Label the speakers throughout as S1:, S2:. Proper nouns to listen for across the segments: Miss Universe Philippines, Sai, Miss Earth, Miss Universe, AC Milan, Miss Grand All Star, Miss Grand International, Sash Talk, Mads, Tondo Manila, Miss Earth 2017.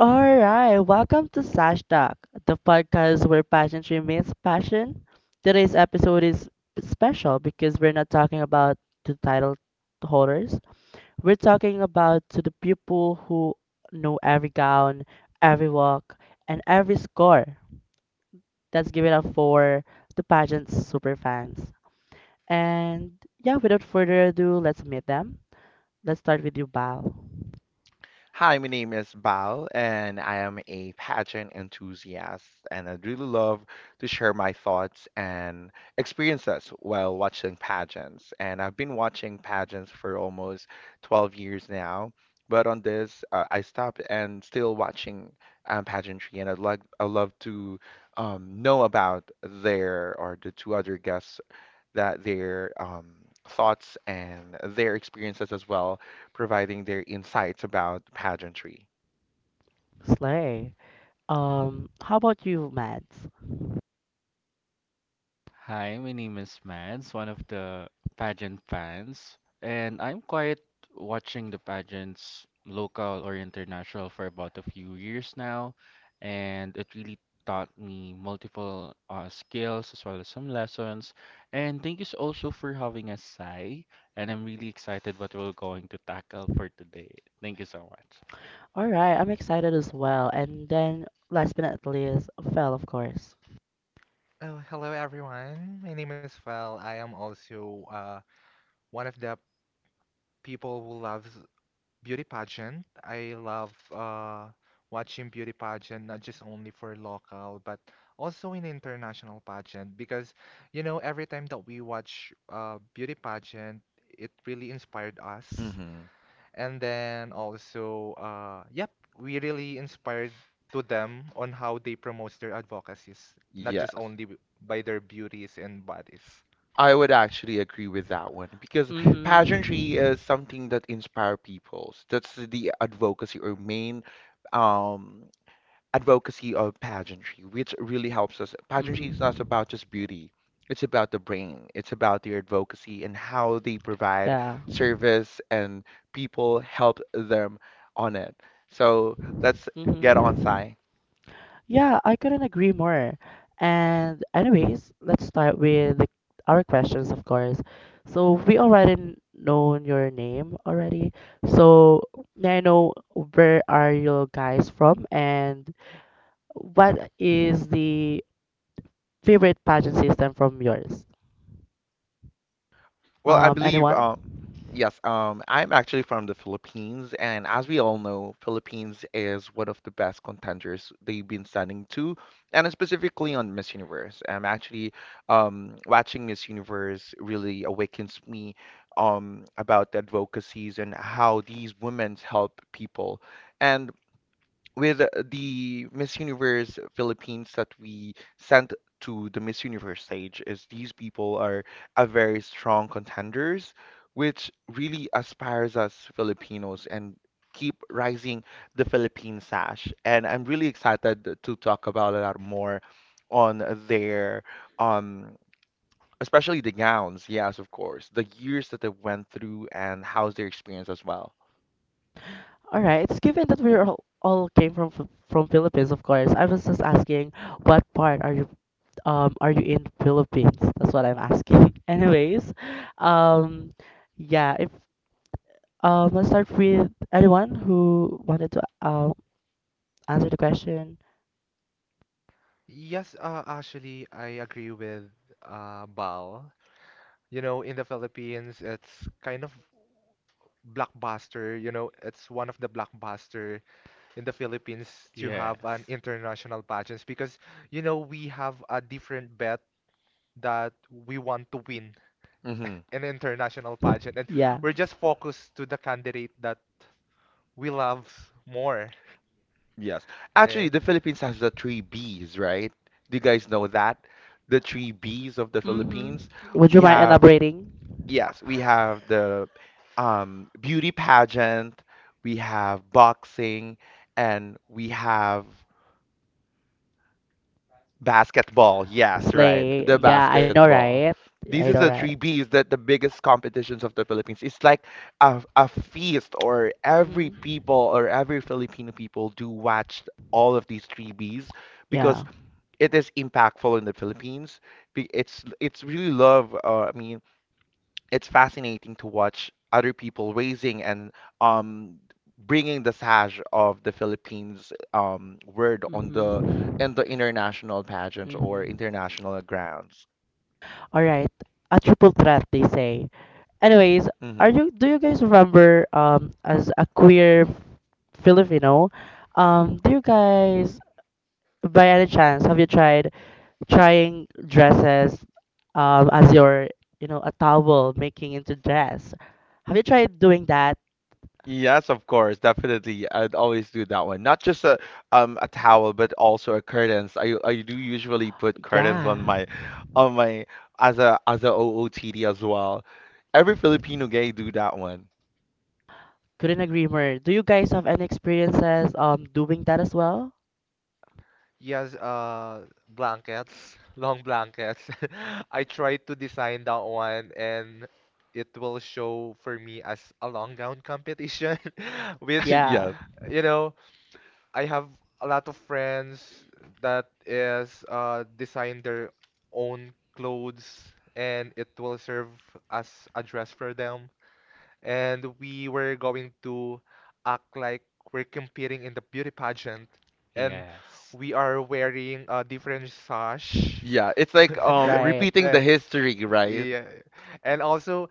S1: All right, welcome to Sash Talk, the podcast where pageantry meets passion. Today's episode is special because we're not talking about the title holders. We're talking about to the people who know every gown, every walk, and every score. Let's give it up for the pageant superfans. And yeah, without further ado, let's meet them. Let's start with you, Bal.
S2: Hi, my name is Bao, and I am a pageant enthusiast, and I'd really love to share my thoughts and experiences while watching pageants. And I've been watching pageants for almost 12 years now, but on this, I stopped and still watching pageantry, and I'd love to know about their or the two other guests that their thoughts and their experiences as well, providing their insights about pageantry.
S1: Slay. How about you, Mads?
S3: Hi, my name is Mads, one of the pageant fans, and I'm quite watching the pageants, local or international, for about a few years now, and it really taught me multiple skills as well as some lessons. And thank you also for having us, Sai, and I'm really excited what we're going to tackle for today. Thank you so much.
S1: All right, I'm excited as well. Last but not least, fell, of course.
S4: Oh, hello everyone. My name is Fel. I am also one of the people who loves beauty pageant. I love watching beauty pageant, not just only for local, but also in international pageant. Because, you know, every time that we watch beauty pageant, it really inspired us.
S2: hmm
S4: And then also, yep, we really inspired to them on how they promote their advocacies, not just
S2: Yes.
S4: only by their beauties and bodies.
S2: I would actually agree with that one because pageantry is
S1: Mhm.
S2: something that inspire peoples. That's the advocacy or main um, advocacy of pageantry, which really helps us. Pageantry is not
S1: Mhm.
S2: about just beauty. It's about the brain. It's about their advocacy and how they provide
S1: Yeah.
S2: service and people help them on it. So let's get on,
S1: Mhm.
S2: Sai.
S1: Yeah, I couldn't agree more. And anyways, let's start with the, our questions, of course. So we already known your name already. So may I know where are you guys from and what is the favorite pageant system from yours?
S2: Well, I believe,
S1: Anyone?
S2: um, yes, I'm actually from the Philippines, and as we all know, Philippines is one of the best contenders they've been sending to, and specifically on Miss Universe. I'm actually watching Miss Universe really awakens me about the advocacies and how these women help people. And with the Miss Universe Philippines that we sent to the Miss Universe stage is these people are a very strong contenders, which really aspires us Filipinos and keep rising the Philippine sash. And I'm really excited to talk about a lot more on their um especially the gowns, yes, of course, the years that they went through and how's their experience as well.
S1: All right. Given that we're all came from from Philippines, of course, I was just asking, what part are you in Philippines? That's what I'm asking. Anyways, um, yeah. If Let's start with anyone who wanted to answer the question.
S4: Yes, actually, I agree with Bal. You know, in the Philippines, it's kind of blockbuster. You know, it's one of the blockbuster in the Philippines to have an
S3: Yes,
S4: international pageants because, you know, we have a different bet that we want to win
S2: hmm
S4: an international pageant, and
S1: Yeah.
S4: we're just focused to the candidate that we love more.
S2: Yes. Actually,
S4: Right?
S2: the Philippines has the three Bs, right? Do you guys know that? The three Bs of the
S1: Mm-hmm.
S2: Philippines.
S1: Would
S2: We
S1: you mind
S2: have,
S1: elaborating?
S2: yes, we have the beauty pageant, we have boxing, and we have basketball. Yes, right.
S1: Slay.
S2: The
S1: Yeah, I know,
S2: basketball.
S1: right?
S2: These are
S1: I know,
S2: the
S1: right?
S2: three Bs that the biggest competitions of the Philippines. It's like a feast, or every
S1: Mm-hmm.
S2: people or every Filipino people do watch all of these three Bs because
S1: Yeah.
S2: it is impactful in the Philippines. It's really love. I mean, it's fascinating to watch other people raising and um bringing the sash of the Philippines word on the
S1: Mm-hmm.
S2: in the international pageants or
S1: Mm-hmm.
S2: international grounds.
S1: All right. A triple threat, they say. Anyways,
S2: hmm
S1: are you do you guys remember as a queer Filipino, do you guys by any chance have you tried trying dresses as your a towel making into dress? Have you tried doing that?
S2: Yes, of course, definitely. I'd always do that one. Not just a towel, but also a curtains. I do usually put curtains
S1: Yeah.
S2: on my on my as a OOTD as well. Every Filipino gay do that one.
S1: Couldn't agree more. Do you guys have any experiences doing that as well?
S4: Yes, blankets, long blankets. I tried to design that one, and it will show for me as a long gown competition, which,
S1: Yeah.
S2: Yes.
S4: you know, I have a lot of friends that is design their own clothes and it will serve as a dress for them. And we were going to act like we're competing in the beauty pageant and
S3: yes,
S4: we are wearing a different sash.
S2: Yeah, it's like
S1: Right.
S2: repeating the
S4: Like,
S2: history, right?
S4: yeah. And also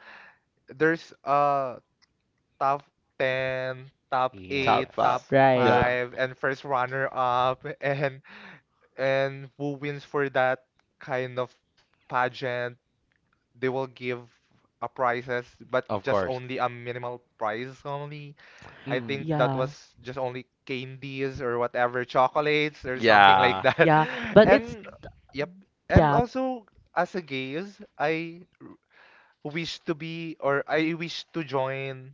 S4: there's top 10, top
S2: Top
S4: 8,
S2: five.
S4: top
S3: yes.
S1: Right.
S2: Yeah.
S4: 5, and first runner up, and who wins for that kind of pageant, they will give a prizes, but
S2: Of
S4: just
S2: course.
S4: only a minimal prize only. I
S3: Mm,
S4: think that
S1: Yeah.
S4: was just only candies or whatever, chocolates or something like
S2: Yeah.
S4: that.
S1: Yeah. But it's
S4: And yep. And
S1: yeah,
S4: also as a gays, I wish to be or I wish to join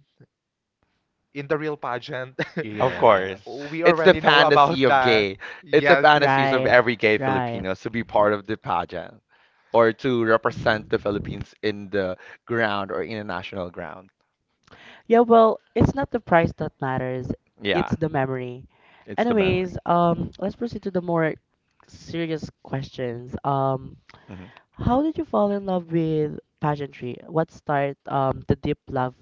S4: in the real pageant.
S2: Of course.
S3: yes.
S4: We
S2: It's the
S4: already know
S2: fantasy
S4: about
S2: of
S4: that.
S2: gay. It's the
S4: Yes.
S2: fantasies of
S1: right.
S2: every gay
S1: Right.
S2: Filipino to be part of the pageant or to represent the
S1: Mhm.
S2: Philippines in the ground or international ground.
S1: Yeah, well, it's not the price that matters, it's
S2: Yeah,
S1: the memory.
S2: it's the memory.
S1: Anyways, let's proceed to the more serious questions.
S2: Mm-hmm.
S1: How did you fall in love with pageantry? What started the deep love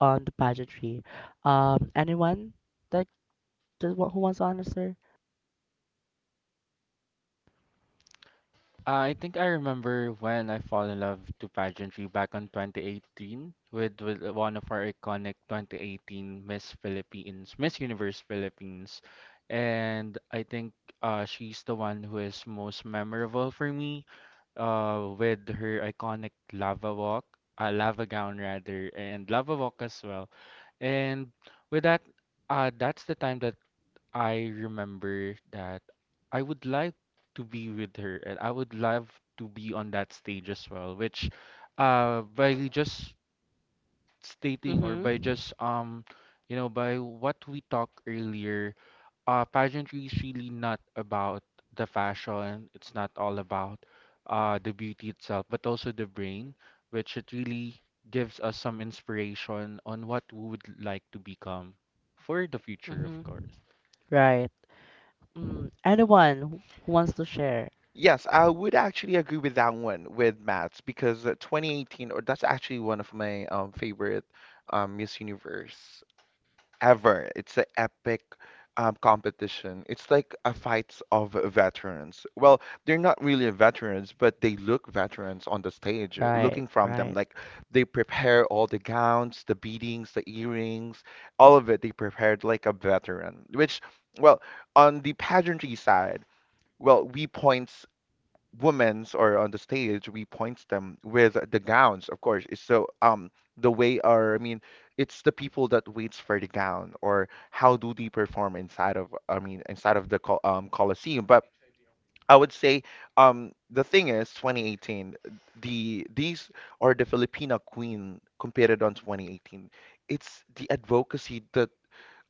S1: on the pageantry? Anyone that, who wants to answer?
S3: I think I remember when I fall in love to pageantry back on 2018 with one of our iconic 2018 Miss Philippines, Miss Universe Philippines. And I think she's the one who is most memorable for me, with her iconic lava walk, lava gown rather, and lava walk as well. And with that, that's the time that I remember that I would like to be with her, and I would love to be on that stage as well, which by just stating or
S1: Mm-hmm.
S3: by just by what we talked earlier, pageantry is really not about the fashion, it's not all about the beauty itself, but also the brain, which it really gives us some inspiration on what we would like to become for the future, of
S1: Mm-hmm.
S3: course.
S1: Right. Mm, anyone who wants to share?
S2: Yes, I would actually agree with that one with Matt's because 2018, or that's actually one of my favorite Miss Universe ever. It's an epic competition. It's like a fights of veterans. Well, they're not really veterans, but they look veterans on the stage,
S1: Right,
S2: looking from them.
S1: right,
S2: Like they prepare all the gowns, the beadings, the earrings, all of it. They prepared like a veteran, which, well, on the pageantry side, well, we points women's or on the stage we point them with the gowns of course it's so the way or I mean it's the people that waits for the gown or how do they perform inside of I mean inside of the Colosseum but I would say the thing is 2018 the these or the Filipina queen competed on 2018, it's the advocacy that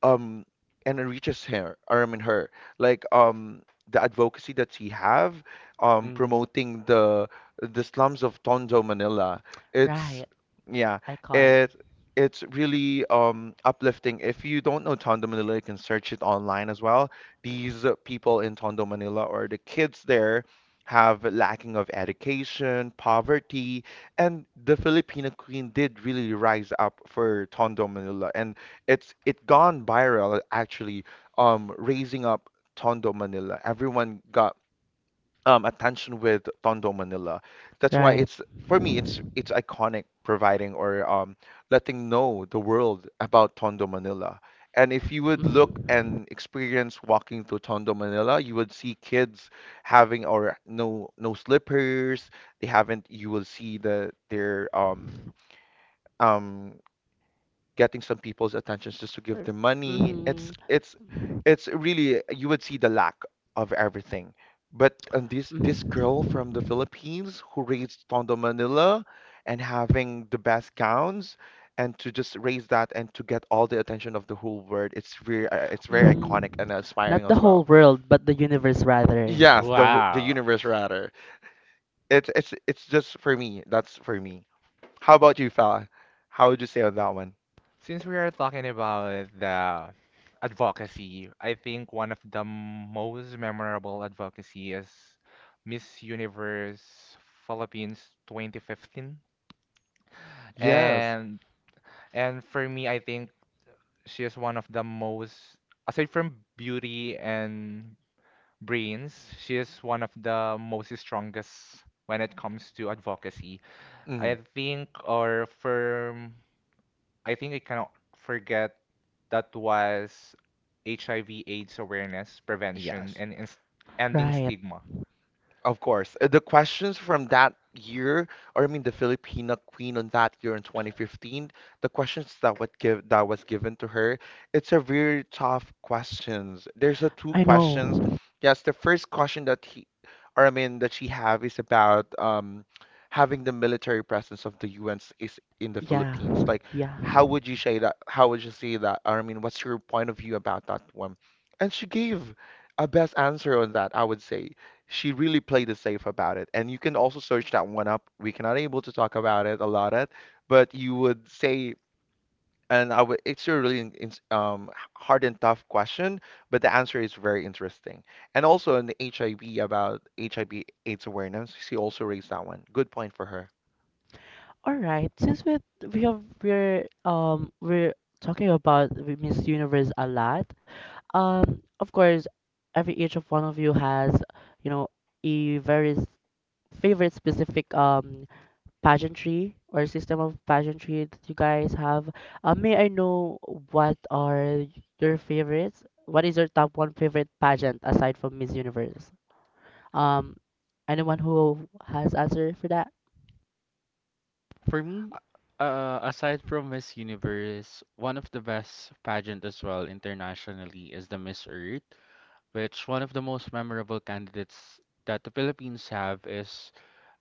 S2: um and it reaches her or I mean her like the advocacy that she have
S3: Mm.
S2: promoting the slums of Tondo Manila. It's,
S1: right.
S2: yeah,
S1: Icon.
S2: it it's really uplifting. If you don't know Tondo Manila you can search it online as well. These, people in Tondo Manila or the kids there have lacking of education, poverty, and the Filipino queen did really rise up for Tondo Manila and it's it gone viral actually, raising up Tondo Manila. Everyone got attention with Tondo Manila. That's why
S1: Right.
S2: it's for me it's iconic providing or letting know the world about Tondo Manila. And if you would look
S1: Mm-hmm.
S2: and experience walking through Tondo Manila, you would see kids having or no slippers. They haven't you will see the their um getting some people's attentions just to give them money.
S1: Mm-hmm.
S2: It's it's really you would see the lack of everything. But this girl
S1: Mm,
S2: from the Philippines who raised Tondo Manila and having the best gowns and to just raise that and to get all the attention of the whole world, it's very
S1: mm,
S2: iconic and
S1: Not
S2: inspiring
S1: the
S2: as
S1: whole
S2: well.
S1: world, but the universe rather.
S2: Yes, the the
S3: Wow.
S2: universe rather. It's it's just for me. That's for me. How about you, fella? How would you say on that one?
S4: Since we are talking about the advocacy, I think one of the most memorable advocacy is Miss Universe Philippines 2015.
S2: Yes.
S4: And and for me, I think she is one of the most, aside from beauty and brains. She is one of the most strongest when it comes to advocacy. I
S2: Mhm.
S4: think our firm, I think I cannot forget that was HIV AIDS awareness, prevention,
S2: Yes.
S4: and ins ending
S1: Right.
S4: stigma.
S2: Of course. The questions from that year, or I mean the Filipina queen on that year in 2015, the questions that would give that was given to her, it's a very tough questions. There's a two
S1: I
S2: questions.
S1: know.
S2: Yes, the first question that he, or I mean that she have is about having the military presence of the U.N. is in the
S1: Yeah.
S2: Philippines. Like,
S1: Yeah.
S2: how would you say that? How would you say that? Or I mean, what's your point of view about that one? And she gave a best answer on that, I would say she really played it safe about it. And you can also search that one up. We cannot able to talk about it a lot, at, but you would say, and I would, it's a really hard and tough question, but the answer is very interesting. And also in the HIV about HIV AIDS awareness, she also raised that one. Good point for her.
S1: All right. Since we have we're talking about the Miss Universe a lot, of course every each of one of you has you know a very favorite specific pageantry or system of pageantry that you guys have. May I know what are your favorites? What is your top one favorite pageant aside from Miss Universe? Um, Anyone who has answer for that?
S3: For
S4: Uh,
S3: me, aside from Miss Universe, one of the best pageant as well internationally is the Miss Earth, which one of the most memorable candidates that the Philippines have is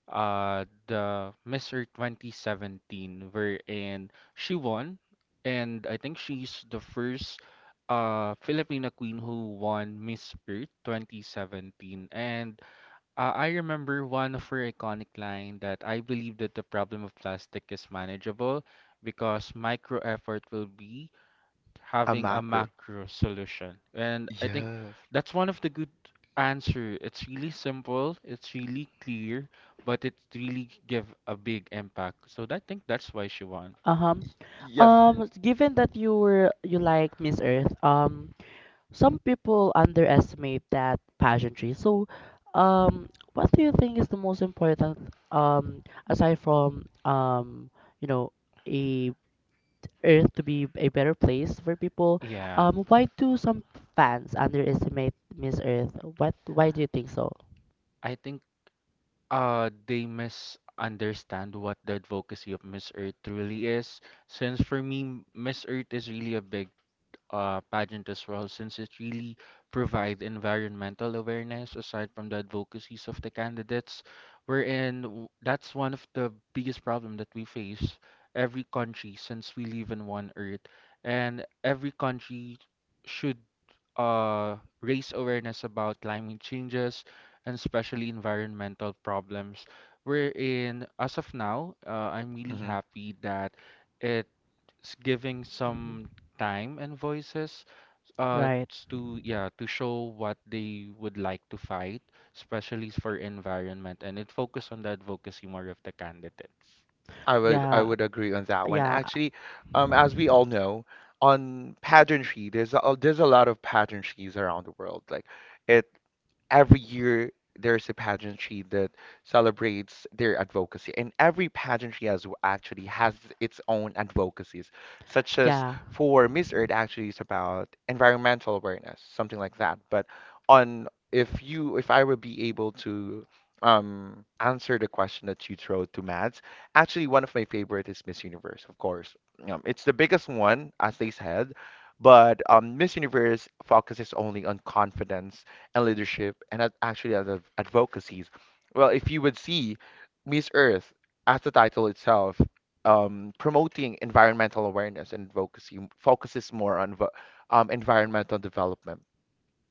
S3: the Miss Earth 2017, wherein she won, and I think she's the first Filipina queen who won Miss Earth 2017, and I remember one of her iconic line that I believe that the problem of plastic is manageable because micro effort will be
S2: A
S3: having a
S2: macro.
S3: macro solution. And I think
S2: Yes.
S3: that's one of the good answer. It's really simple, it's really clear, but it really give a big impact. So I think that's why she won.
S1: Uh-huh.
S2: Y- yes.
S1: Given that you like Miss Earth, some people underestimate that pageantry. So, what do you think is the most important, um, aside from you know, a Earth to be a better place for people.
S3: Yeah,
S1: Why do some fans underestimate Miss Earth? What? Why do you think so?
S3: I think they misunderstand what the advocacy of Miss Earth truly is, since for me, Miss Earth is really a big pageant as well, since it really provide environmental awareness aside from the advocacies of the candidates. That's one of the biggest problem that we face every country since we live in one earth, and every country should uh, raise awareness about climate changes and especially environmental problems. Wherein, as of now, I'm really
S2: hmm
S3: happy that it's giving
S1: Hmm
S3: some time and voices
S1: Right.
S3: to yeah to show what they would like to fight, especially for environment, and it focused on the advocacy more of the candidates.
S2: I would I
S1: Yeah.
S2: would agree on that one.
S1: Yeah.
S2: Actually, as we all know, on pageantry, there's a lot of pageantries around the world. Like it every year there's a pageantry that celebrates their advocacy, and every pageantry as actually has its own advocacies, such as
S1: Yeah.
S2: for Miss Earth actually is about environmental awareness, something like that. But on if you if I would be able to answer the question that you throw to Mads, actually one of my favorite is Miss Universe, of course. It's the biggest one, as they said. But Miss Universe focuses only on confidence and leadership and advocacies. Well, if you would see Miss Earth as the title itself, promoting environmental awareness and advocacy focuses more on environmental development.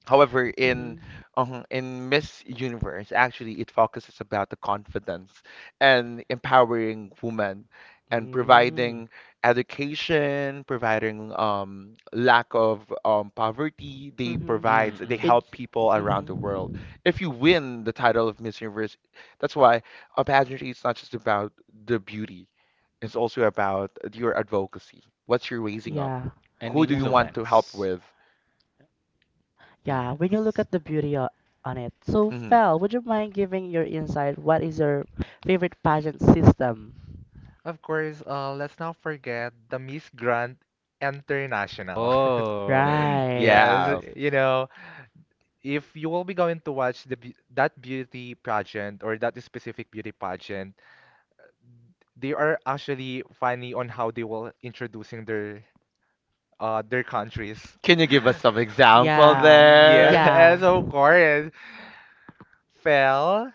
S2: However,
S1: Mhm.
S2: in Miss Universe, actually, it focuses about the confidence and empowering women and
S3: Mm.
S2: providing education, providing lack of poverty. They
S1: Mhm.
S2: provide, they
S3: Mm-mm.
S2: help
S1: It's.
S2: people around the world.
S1: Mhm.
S2: If you win the title of Miss Universe, that's why a pageantry is not just about the beauty. It's also about your advocacy. What's your raising up?
S1: Yeah.
S3: And
S2: Who do you
S1: Yeah.
S2: want to help
S3: influence.
S2: with?
S1: Yeah. When you look
S3: Yes.
S1: at the beauty on it. So,
S2: Mhm.
S1: Fel, would you mind giving your insight? What is your favorite pageant system?
S4: Of course, let's not forget the Miss Grand International.
S3: Oh.
S1: Right.
S4: Yes,
S2: Yeah.
S4: you know, if you will be going to watch the that beauty pageant or that specific beauty pageant, they are actually funny on how they will introducing their countries.
S2: Can you give us some example
S1: Yeah.
S2: there?
S4: Yes,
S1: Yeah.
S4: of course. Fel,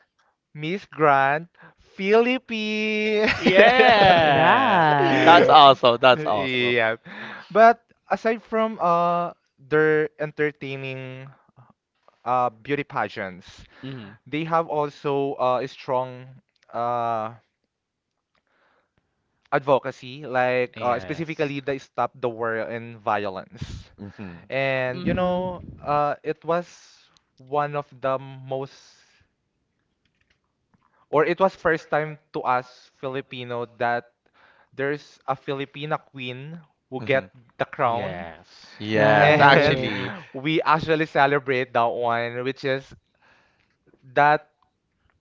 S4: Miss Grant, Philippines.
S3: Yeah.
S2: That's
S1: Right.
S2: awesome. That's awesome.
S4: Yeah. But aside from their entertaining beauty pageants,
S3: Mm.
S4: they have also a strong uh advocacy like
S3: Yes.
S4: specifically they stop the war and violence.
S2: hmm
S4: And you know,
S1: Mm-hmm.
S4: it was one of the most, or it was first time to us Filipino that there's a Filipina queen who
S2: hmm
S4: get the crown,
S3: Yes.
S2: Yes,
S4: and
S1: Right.
S2: actually,
S4: we actually celebrate that one, which is that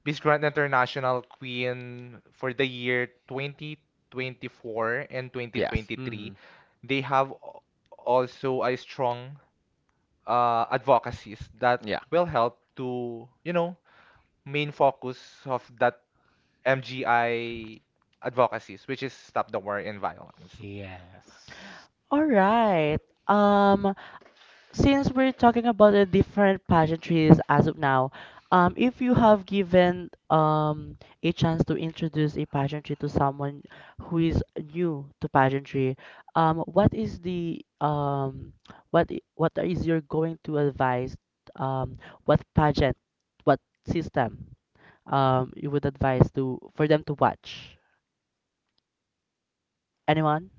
S4: Miss Grand International Queen for the year 2024 and
S2: yes.
S4: 2023.
S3: Mm.
S4: They have also a strong advocacies that
S2: Yeah.
S4: will help to, you know, main focus of that MGI advocacies, which is stop the war in violence.
S3: Yes.
S1: All right. Um, since we're talking about the different pageantries as of now, if you have given a chance to introduce a pageantry to someone who is new to pageantry, what is the what is your going to advise um what pageant, what system you would advise to for them to watch? Anyone?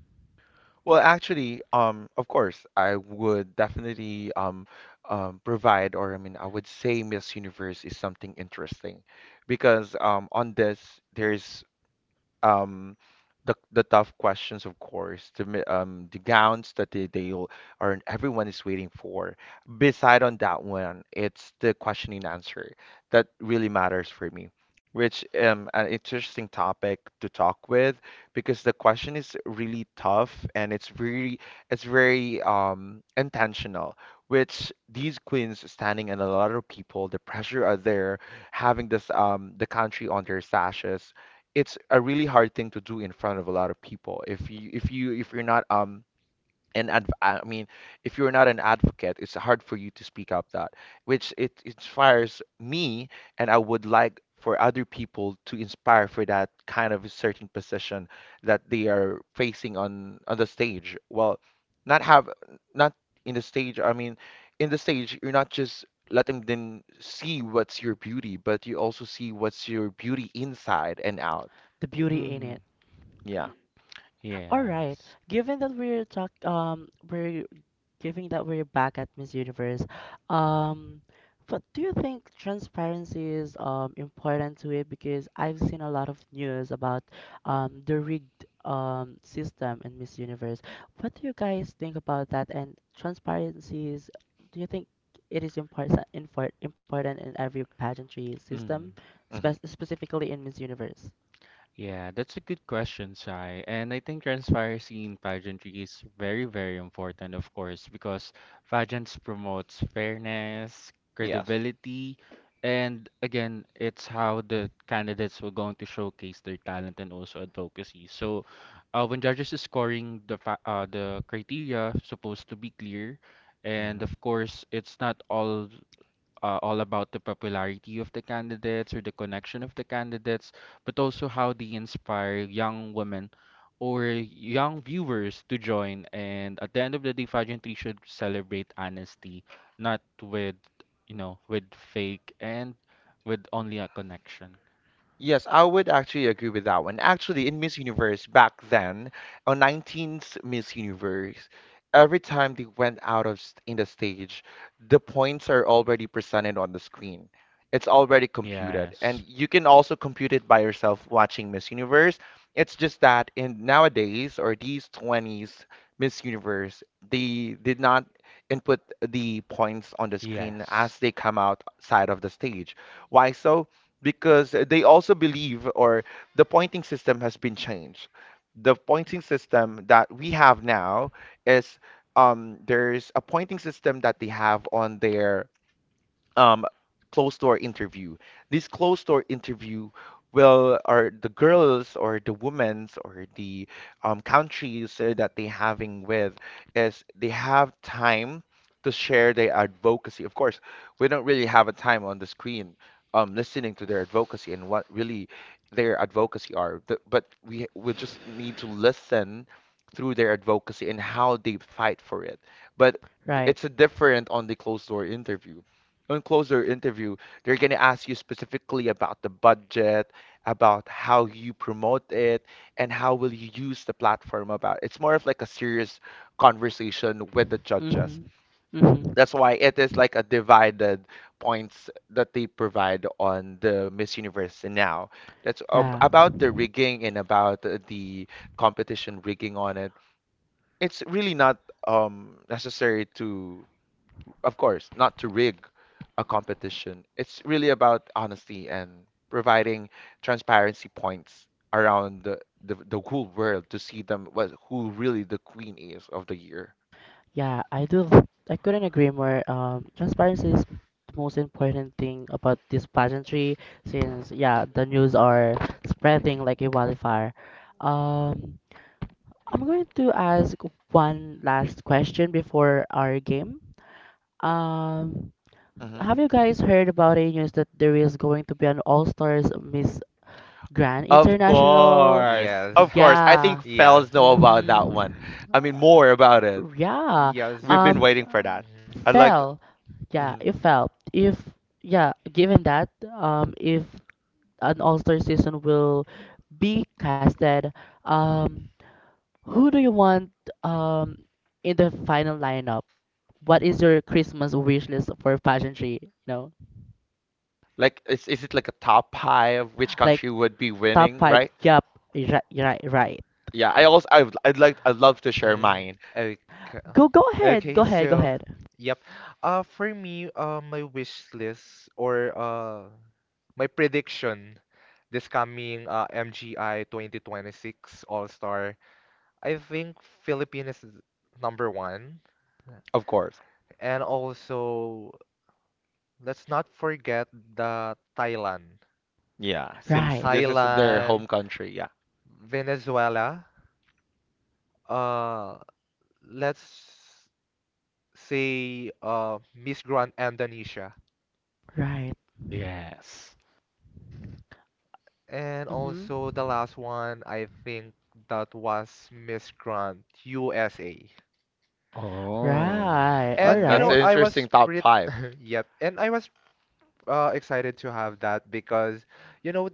S2: Well, actually, of course, I would definitely provide, or I mean, I would say Miss Universe is something interesting because on this, there's um the tough questions of course the the gowns that they all are everyone is waiting for beside on that one it's the question and answer that really matters for me which an interesting topic to talk with because the question is really tough and it's very intentional which these queens standing and a lot of people the pressure are there having this the country on their sashes it's a really hard thing to do in front of a lot of people. If you if you if you're not an adv I mean, if you're not an advocate, it's hard for you to speak up that, which it inspires me, and I would like for other people to inspire for that kind of a certain position that they are facing on the stage. Well, not have not in the stage. I mean, in the stage, you're not just let them then see what's your beauty, but you also see what's your beauty inside and out.
S1: The beauty in
S3: Mm.
S1: it.
S2: Yeah.
S1: All right.
S3: Yes.
S1: Given that we're giving that we're back at Miss Universe, um, but do you think transparency is important to it? Because I've seen a lot of news about the rigged system in Miss Universe. What do you guys think about that? And transparency is, do you think it is important in every pageantry
S3: Mm.
S1: system,
S2: hmm
S1: specifically in Miss Universe?
S3: Yeah, that's a good question, Sai. And I think transparency in pageantry is very, very important, of course, because pageants promotes fairness,
S2: Yes.
S3: credibility, and again, it's how the candidates were going to showcase their talent and also advocacy. So, when judges is scoring the fa the criteria supposed to be clear, and
S2: hmm
S3: of course, it's not all all about the popularity of the candidates or the connection of the candidates, but also how they inspire young women or young viewers to join. And at the end of the day, pageantry should celebrate honesty, not with, you know, with fake and with only a connection.
S2: Yes, I would actually agree with that one. Actually, in Miss Universe back then, on 19th Miss Universe, every time they went out of in the stage, the points are already presented on the screen. It's already computed, and
S3: Yes.
S2: you can also compute it by yourself watching Miss Universe. It's just that in nowadays or these 20s Miss Universe, they did not input the points on the screen as
S3: Yes.
S2: they come outside of the stage. Why so? Because they also believe or the pointing system has been changed. The pointing system that we have now is there's a pointing system that they have on their um closed door interview. This closed door interview will are the girls or the women's or the countries that they having with is they have time to share their advocacy. Of course, we don't really have a time on the screen listening to their advocacy and what really their advocacy are. But we just need to listen through their advocacy and how they fight for it. But
S1: Right.
S2: it's a different on the closed door interview on closer interview, they're gonna ask you specifically about the budget, about how you promote it, and how will you use the platform about. It's more of like a serious conversation with the judges.
S1: Mm-hmm. Mm-hmm.
S2: That's why it is like a divided points that they provide on the Miss Universe now. That's ab-
S1: Yeah,
S2: about the rigging and about the competition rigging on it. It's really not necessary to of course, not to rig a competition. It's really about honesty and providing transparency points around the whole world to see them what who really the queen is of the year.
S1: yeah, I do. I couldn't agree more. Transparency is the most important thing about this pageantry, since yeah, the news are spreading like a wildfire. Um, I'm going to ask one last question before our game. Um,
S2: Hmm
S1: have you guys heard about a news that there is going to be an All Stars Miss Grand
S2: Of
S1: International?
S2: course,
S4: Yes.
S2: of course. I think
S1: Yeah.
S4: Yes.
S2: fellas know about that one.
S1: Mm-hmm.
S2: I mean,
S1: Uh,
S2: more about
S1: Yeah.
S4: Yes.
S2: we've been
S1: Um,
S2: waiting for that.
S4: Mhm.
S2: I'd like,
S1: Fell.
S4: Y-
S1: Yeah,
S2: hmm
S1: it fell. If yeah, Given that if an All-Star season will be casted, um who do you want um in the final lineup? What is your Christmas wish list for pageantry? You know,
S2: like, is it like a top five? Which
S1: like
S2: country would be
S1: top
S2: winning,
S1: five.
S2: right?
S1: Yup. Right, right, right.
S2: Yeah, I also I'd like I'd love to share
S4: Mm,
S2: mine,
S4: okay.
S1: Go, go ahead.
S4: Okay,
S1: Go ahead. Go
S4: so
S1: ahead.
S4: yep. For me, my wish list or my prediction this coming MGI 2026 All-Star, I think Philippines is number one.
S2: of course.
S4: And also, let's not forget the Thailand,
S2: Yeah, since
S1: Right.
S2: this is their
S4: Thailand,
S2: home country. Yeah,
S4: Venezuela. Uh, let's say Miss Grand Indonesia.
S1: Right.
S3: Yes.
S4: And
S1: Mm-hmm.
S4: also the last one, I think that was Miss Grand USA.
S3: Oh.
S1: Right. All
S2: mm,
S4: And you
S2: that's
S4: know,
S1: right.
S2: an
S4: I
S2: interesting
S4: was
S2: top
S4: pretty,
S2: five.
S4: yep, and I was excited to have that because, you know,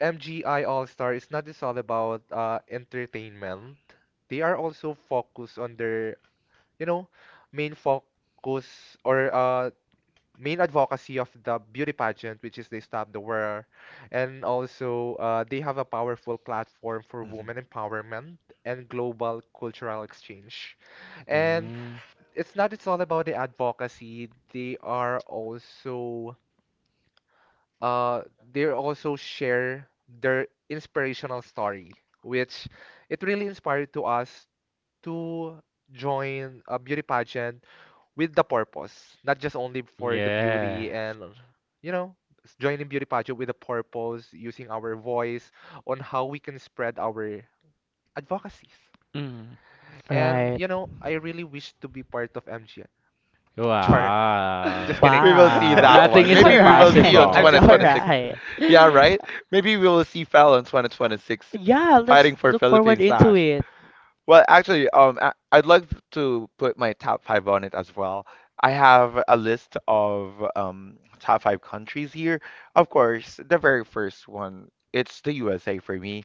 S4: MGI All-Star is not just all about entertainment. They are also focused on their, you know, main focus or main advocacy of the beauty pageant, which is they stop the wear. And also, they have a powerful platform for
S2: Mhm.
S4: women empowerment and global cultural exchange. And it's not it's all about the advocacy. They are also uh, they also share their inspirational story, which it really inspired to us to join a beauty pageant with the purpose, not just only for the
S3: Yeah.
S4: beauty and you know, joining beauty pageant with a purpose, using our voice on how we can spread our advocacies.
S3: Mm.
S4: And
S1: Right.
S4: you know, I really wish to be part of MGN. Char, just
S3: Wow.
S4: kidding.
S2: We will see
S1: Wow.
S2: that
S3: Nothing
S2: one.
S3: is
S1: All
S2: Maybe we will see on
S4: I'm
S1: right.
S3: impossible.
S4: just
S1: All
S4: kidding.
S2: 2026.
S1: right.
S2: Yeah, right? Maybe we will see Fel on 2026
S1: Yeah, let's
S2: fighting for
S1: look forward
S2: Philippines.
S1: into it.
S2: Well, actually, I'd like to put my top five on it as well. I have a list of top five countries here. Of course, the very first one, it's the USA for me,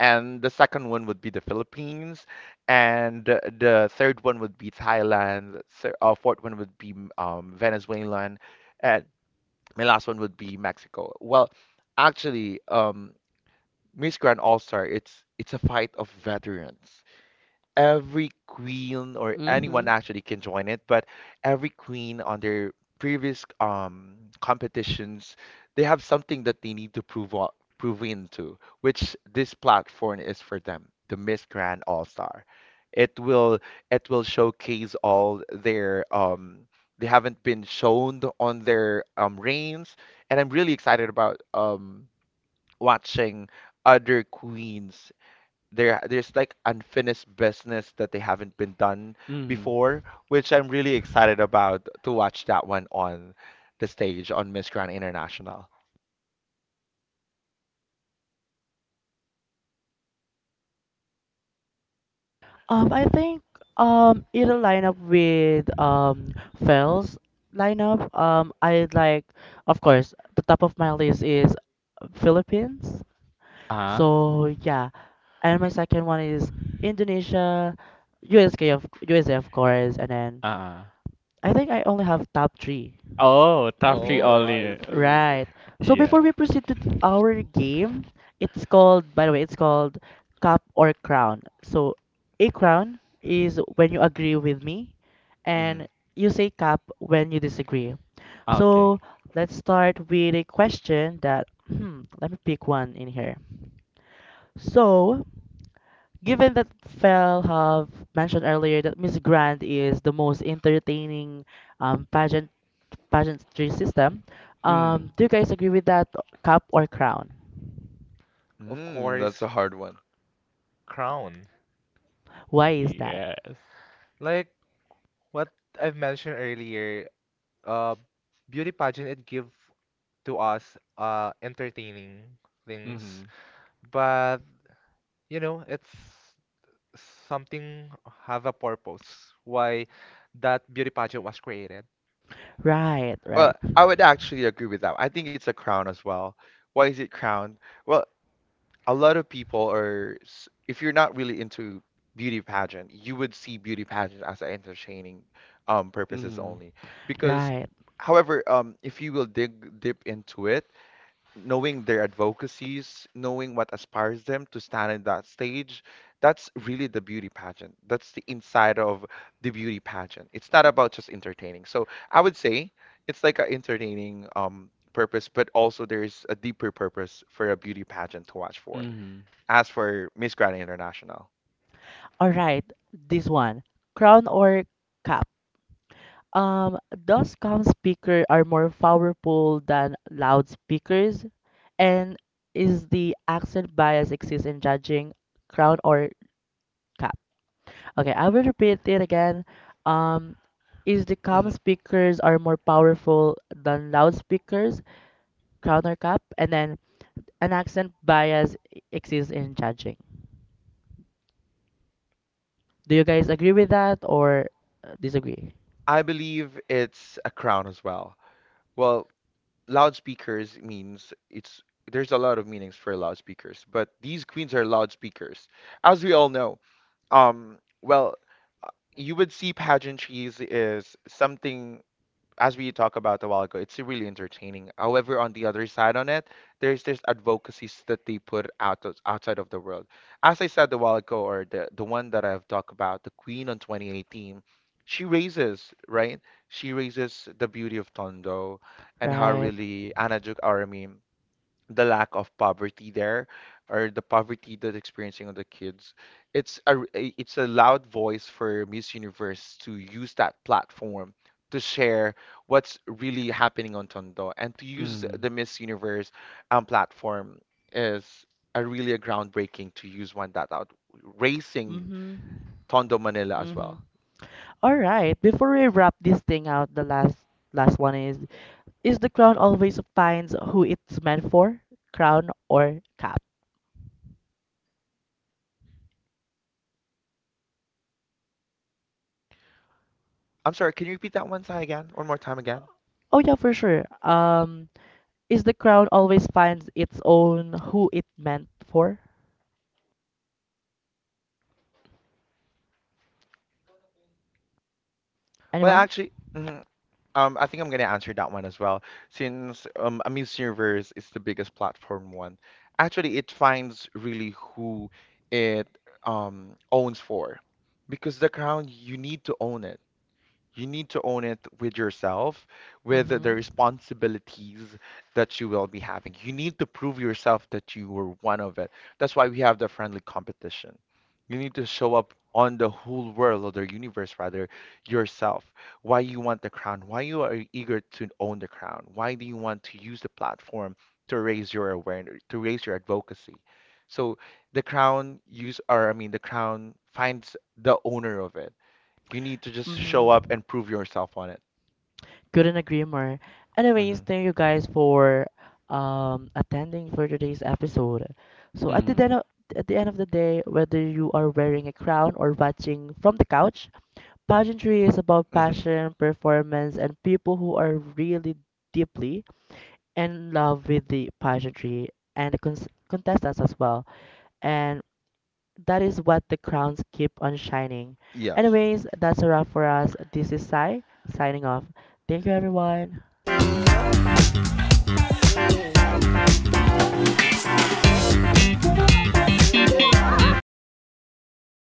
S2: and the second one would be the Philippines, and the third one would be Thailand. So, fourth one would be Venezuela, and my last one would be Mexico. Well, actually, Miss Grand All Star, it's a fight of veterans every queen or anyone
S1: Mm-hmm.
S2: actually can join it, but every queen on their previous competitions, they have something that they need to prove into, which this platform is for them, the Miss Grand All Star. It will it will showcase all their they haven't been shown on their reigns, and I'm really excited about watching other queens there's like unfinished business that they haven't been done
S3: Mm.
S2: before, which I'm really excited about to watch that one on the stage on Miss Grand International.
S1: I think it'll line up with Fell's lineup. I like, of course, the top of my list is Philippines.
S3: Uh-huh.
S1: So yeah, and my second one is Indonesia, USK of USA of course, and then
S3: Uh-uh.
S1: I think I only have top three.
S3: Oh, top three
S1: Mhm.
S2: Oh, I
S3: only.
S2: see.
S1: Right. So
S3: Yeah.
S1: before we proceed to our game, it's called, by the way, it's called cup or crown. So a crown is when you agree with me,
S2: Hmm
S1: and you say cup when you disagree.
S3: Okay.
S1: So let's start with a question that, hmm, let me pick one in here. So, given that Fel have mentioned earlier that Miss Grand is the most entertaining um, pageant pageantry system.
S3: Mm.
S1: Do you guys agree with that? Cup or crown?
S4: Of
S2: Mm, that's
S4: course,
S2: a hard one.
S4: crown.
S1: Why is that?
S3: Yes.
S4: Like what I've mentioned earlier, uh, beauty pageant it give to us entertaining
S3: Mm-hmm.
S4: things, but you know it's something have a purpose why that beauty pageant was created.
S1: Right,
S2: Well,
S1: right,
S2: I would actually agree with that. I think it's a crown as well. Why is it crown? Well, a lot of people are s- if you're not really into beauty pageant, you would see beauty pageant as an entertaining purposes
S3: Mm-hmm.
S2: only because
S1: right.
S2: however if you will dig deep into it, knowing their advocacies, knowing what aspires them to stand in that stage, that's really the beauty pageant, that's the inside of the beauty pageant, it's not about just entertaining. So I would say it's like a entertaining purpose, but also there's a deeper purpose for a beauty pageant to watch for
S3: Mm-hmm.
S2: as for Miss Grand International.
S1: All right, this one, crown or cup. Um, those speaker are more powerful than loudspeakers, and is the accent bias exists in judging crown or cup? Okay, I will repeat it again. Um, is the
S2: Mhm.
S1: speakers are more powerful than loudspeakers, crown or cup, and then an accent bias exists in judging. Do you guys agree with that or disagree?
S2: I believe it's a crown as well. Well, loudspeakers means it's there's a lot of meanings for loudspeakers, but these queens are loudspeakers. As we all know, well, you would see pageantries is something as we talked about a while ago, it's really entertaining. However, on the other side on it, there's this advocacies that they put outside of the world. As I said a while ago, or the one that I've talked about, the Queen on 2018, she raises, right? She raises the beauty of Tondo and how
S1: Right.
S2: really Anna Juk, or I mean, the lack of poverty there or the poverty that's experiencing of the kids, it's a loud voice for Miss Universe to use that platform to share what's really happening on Tondo and to use
S3: Mm-hmm.
S2: the Miss Universe platform is a really a groundbreaking to use one that out raising
S1: Mhm.
S2: Tondo Manila as
S1: Mhm.
S2: well.
S1: All right. Before we wrap this thing out, the last one is: is the crown always finds who it's meant for? Crown or cap?
S2: I'm sorry, can you repeat that one time again, one more time again?
S1: Oh yeah, for sure. Is the crown always finds its own who it meant for?
S2: Well,
S1: Anyone?
S2: actually, mhm. I think I'm gonna answer that one as well, since a Miss Universe is the biggest platform one. Actually, it finds really who it owns for, because the crown you need to own it. You need to own it with yourself, with the
S1: Mhm.
S2: responsibilities that you will be having. You need to prove yourself that you were one of it. That's why we have the friendly competition. You need to show up on the whole world or the universe, rather, yourself. Why you want the crown, why you are eager to own the crown, why do you want to use the platform to raise your awareness, to raise your advocacy. So the crown use, or I mean, the crown finds the owner of it, you need to just show up
S1: Mhm.
S2: and prove yourself on it.
S1: Couldn't agree more. Anyways,
S2: Hmm
S1: thank you guys for attending for today's episode. So
S3: Hmm.
S1: at the end of the day, whether you are wearing a crown or watching from the couch, pageantry is about
S2: hmm
S1: passion, performance, and people who are really deeply in love with the pageantry and the contestants as well. And that is what the crowns keep on shining.
S2: Yes.
S1: Anyways, that's a wrap for us. This is Sai signing off. Thank you, everyone.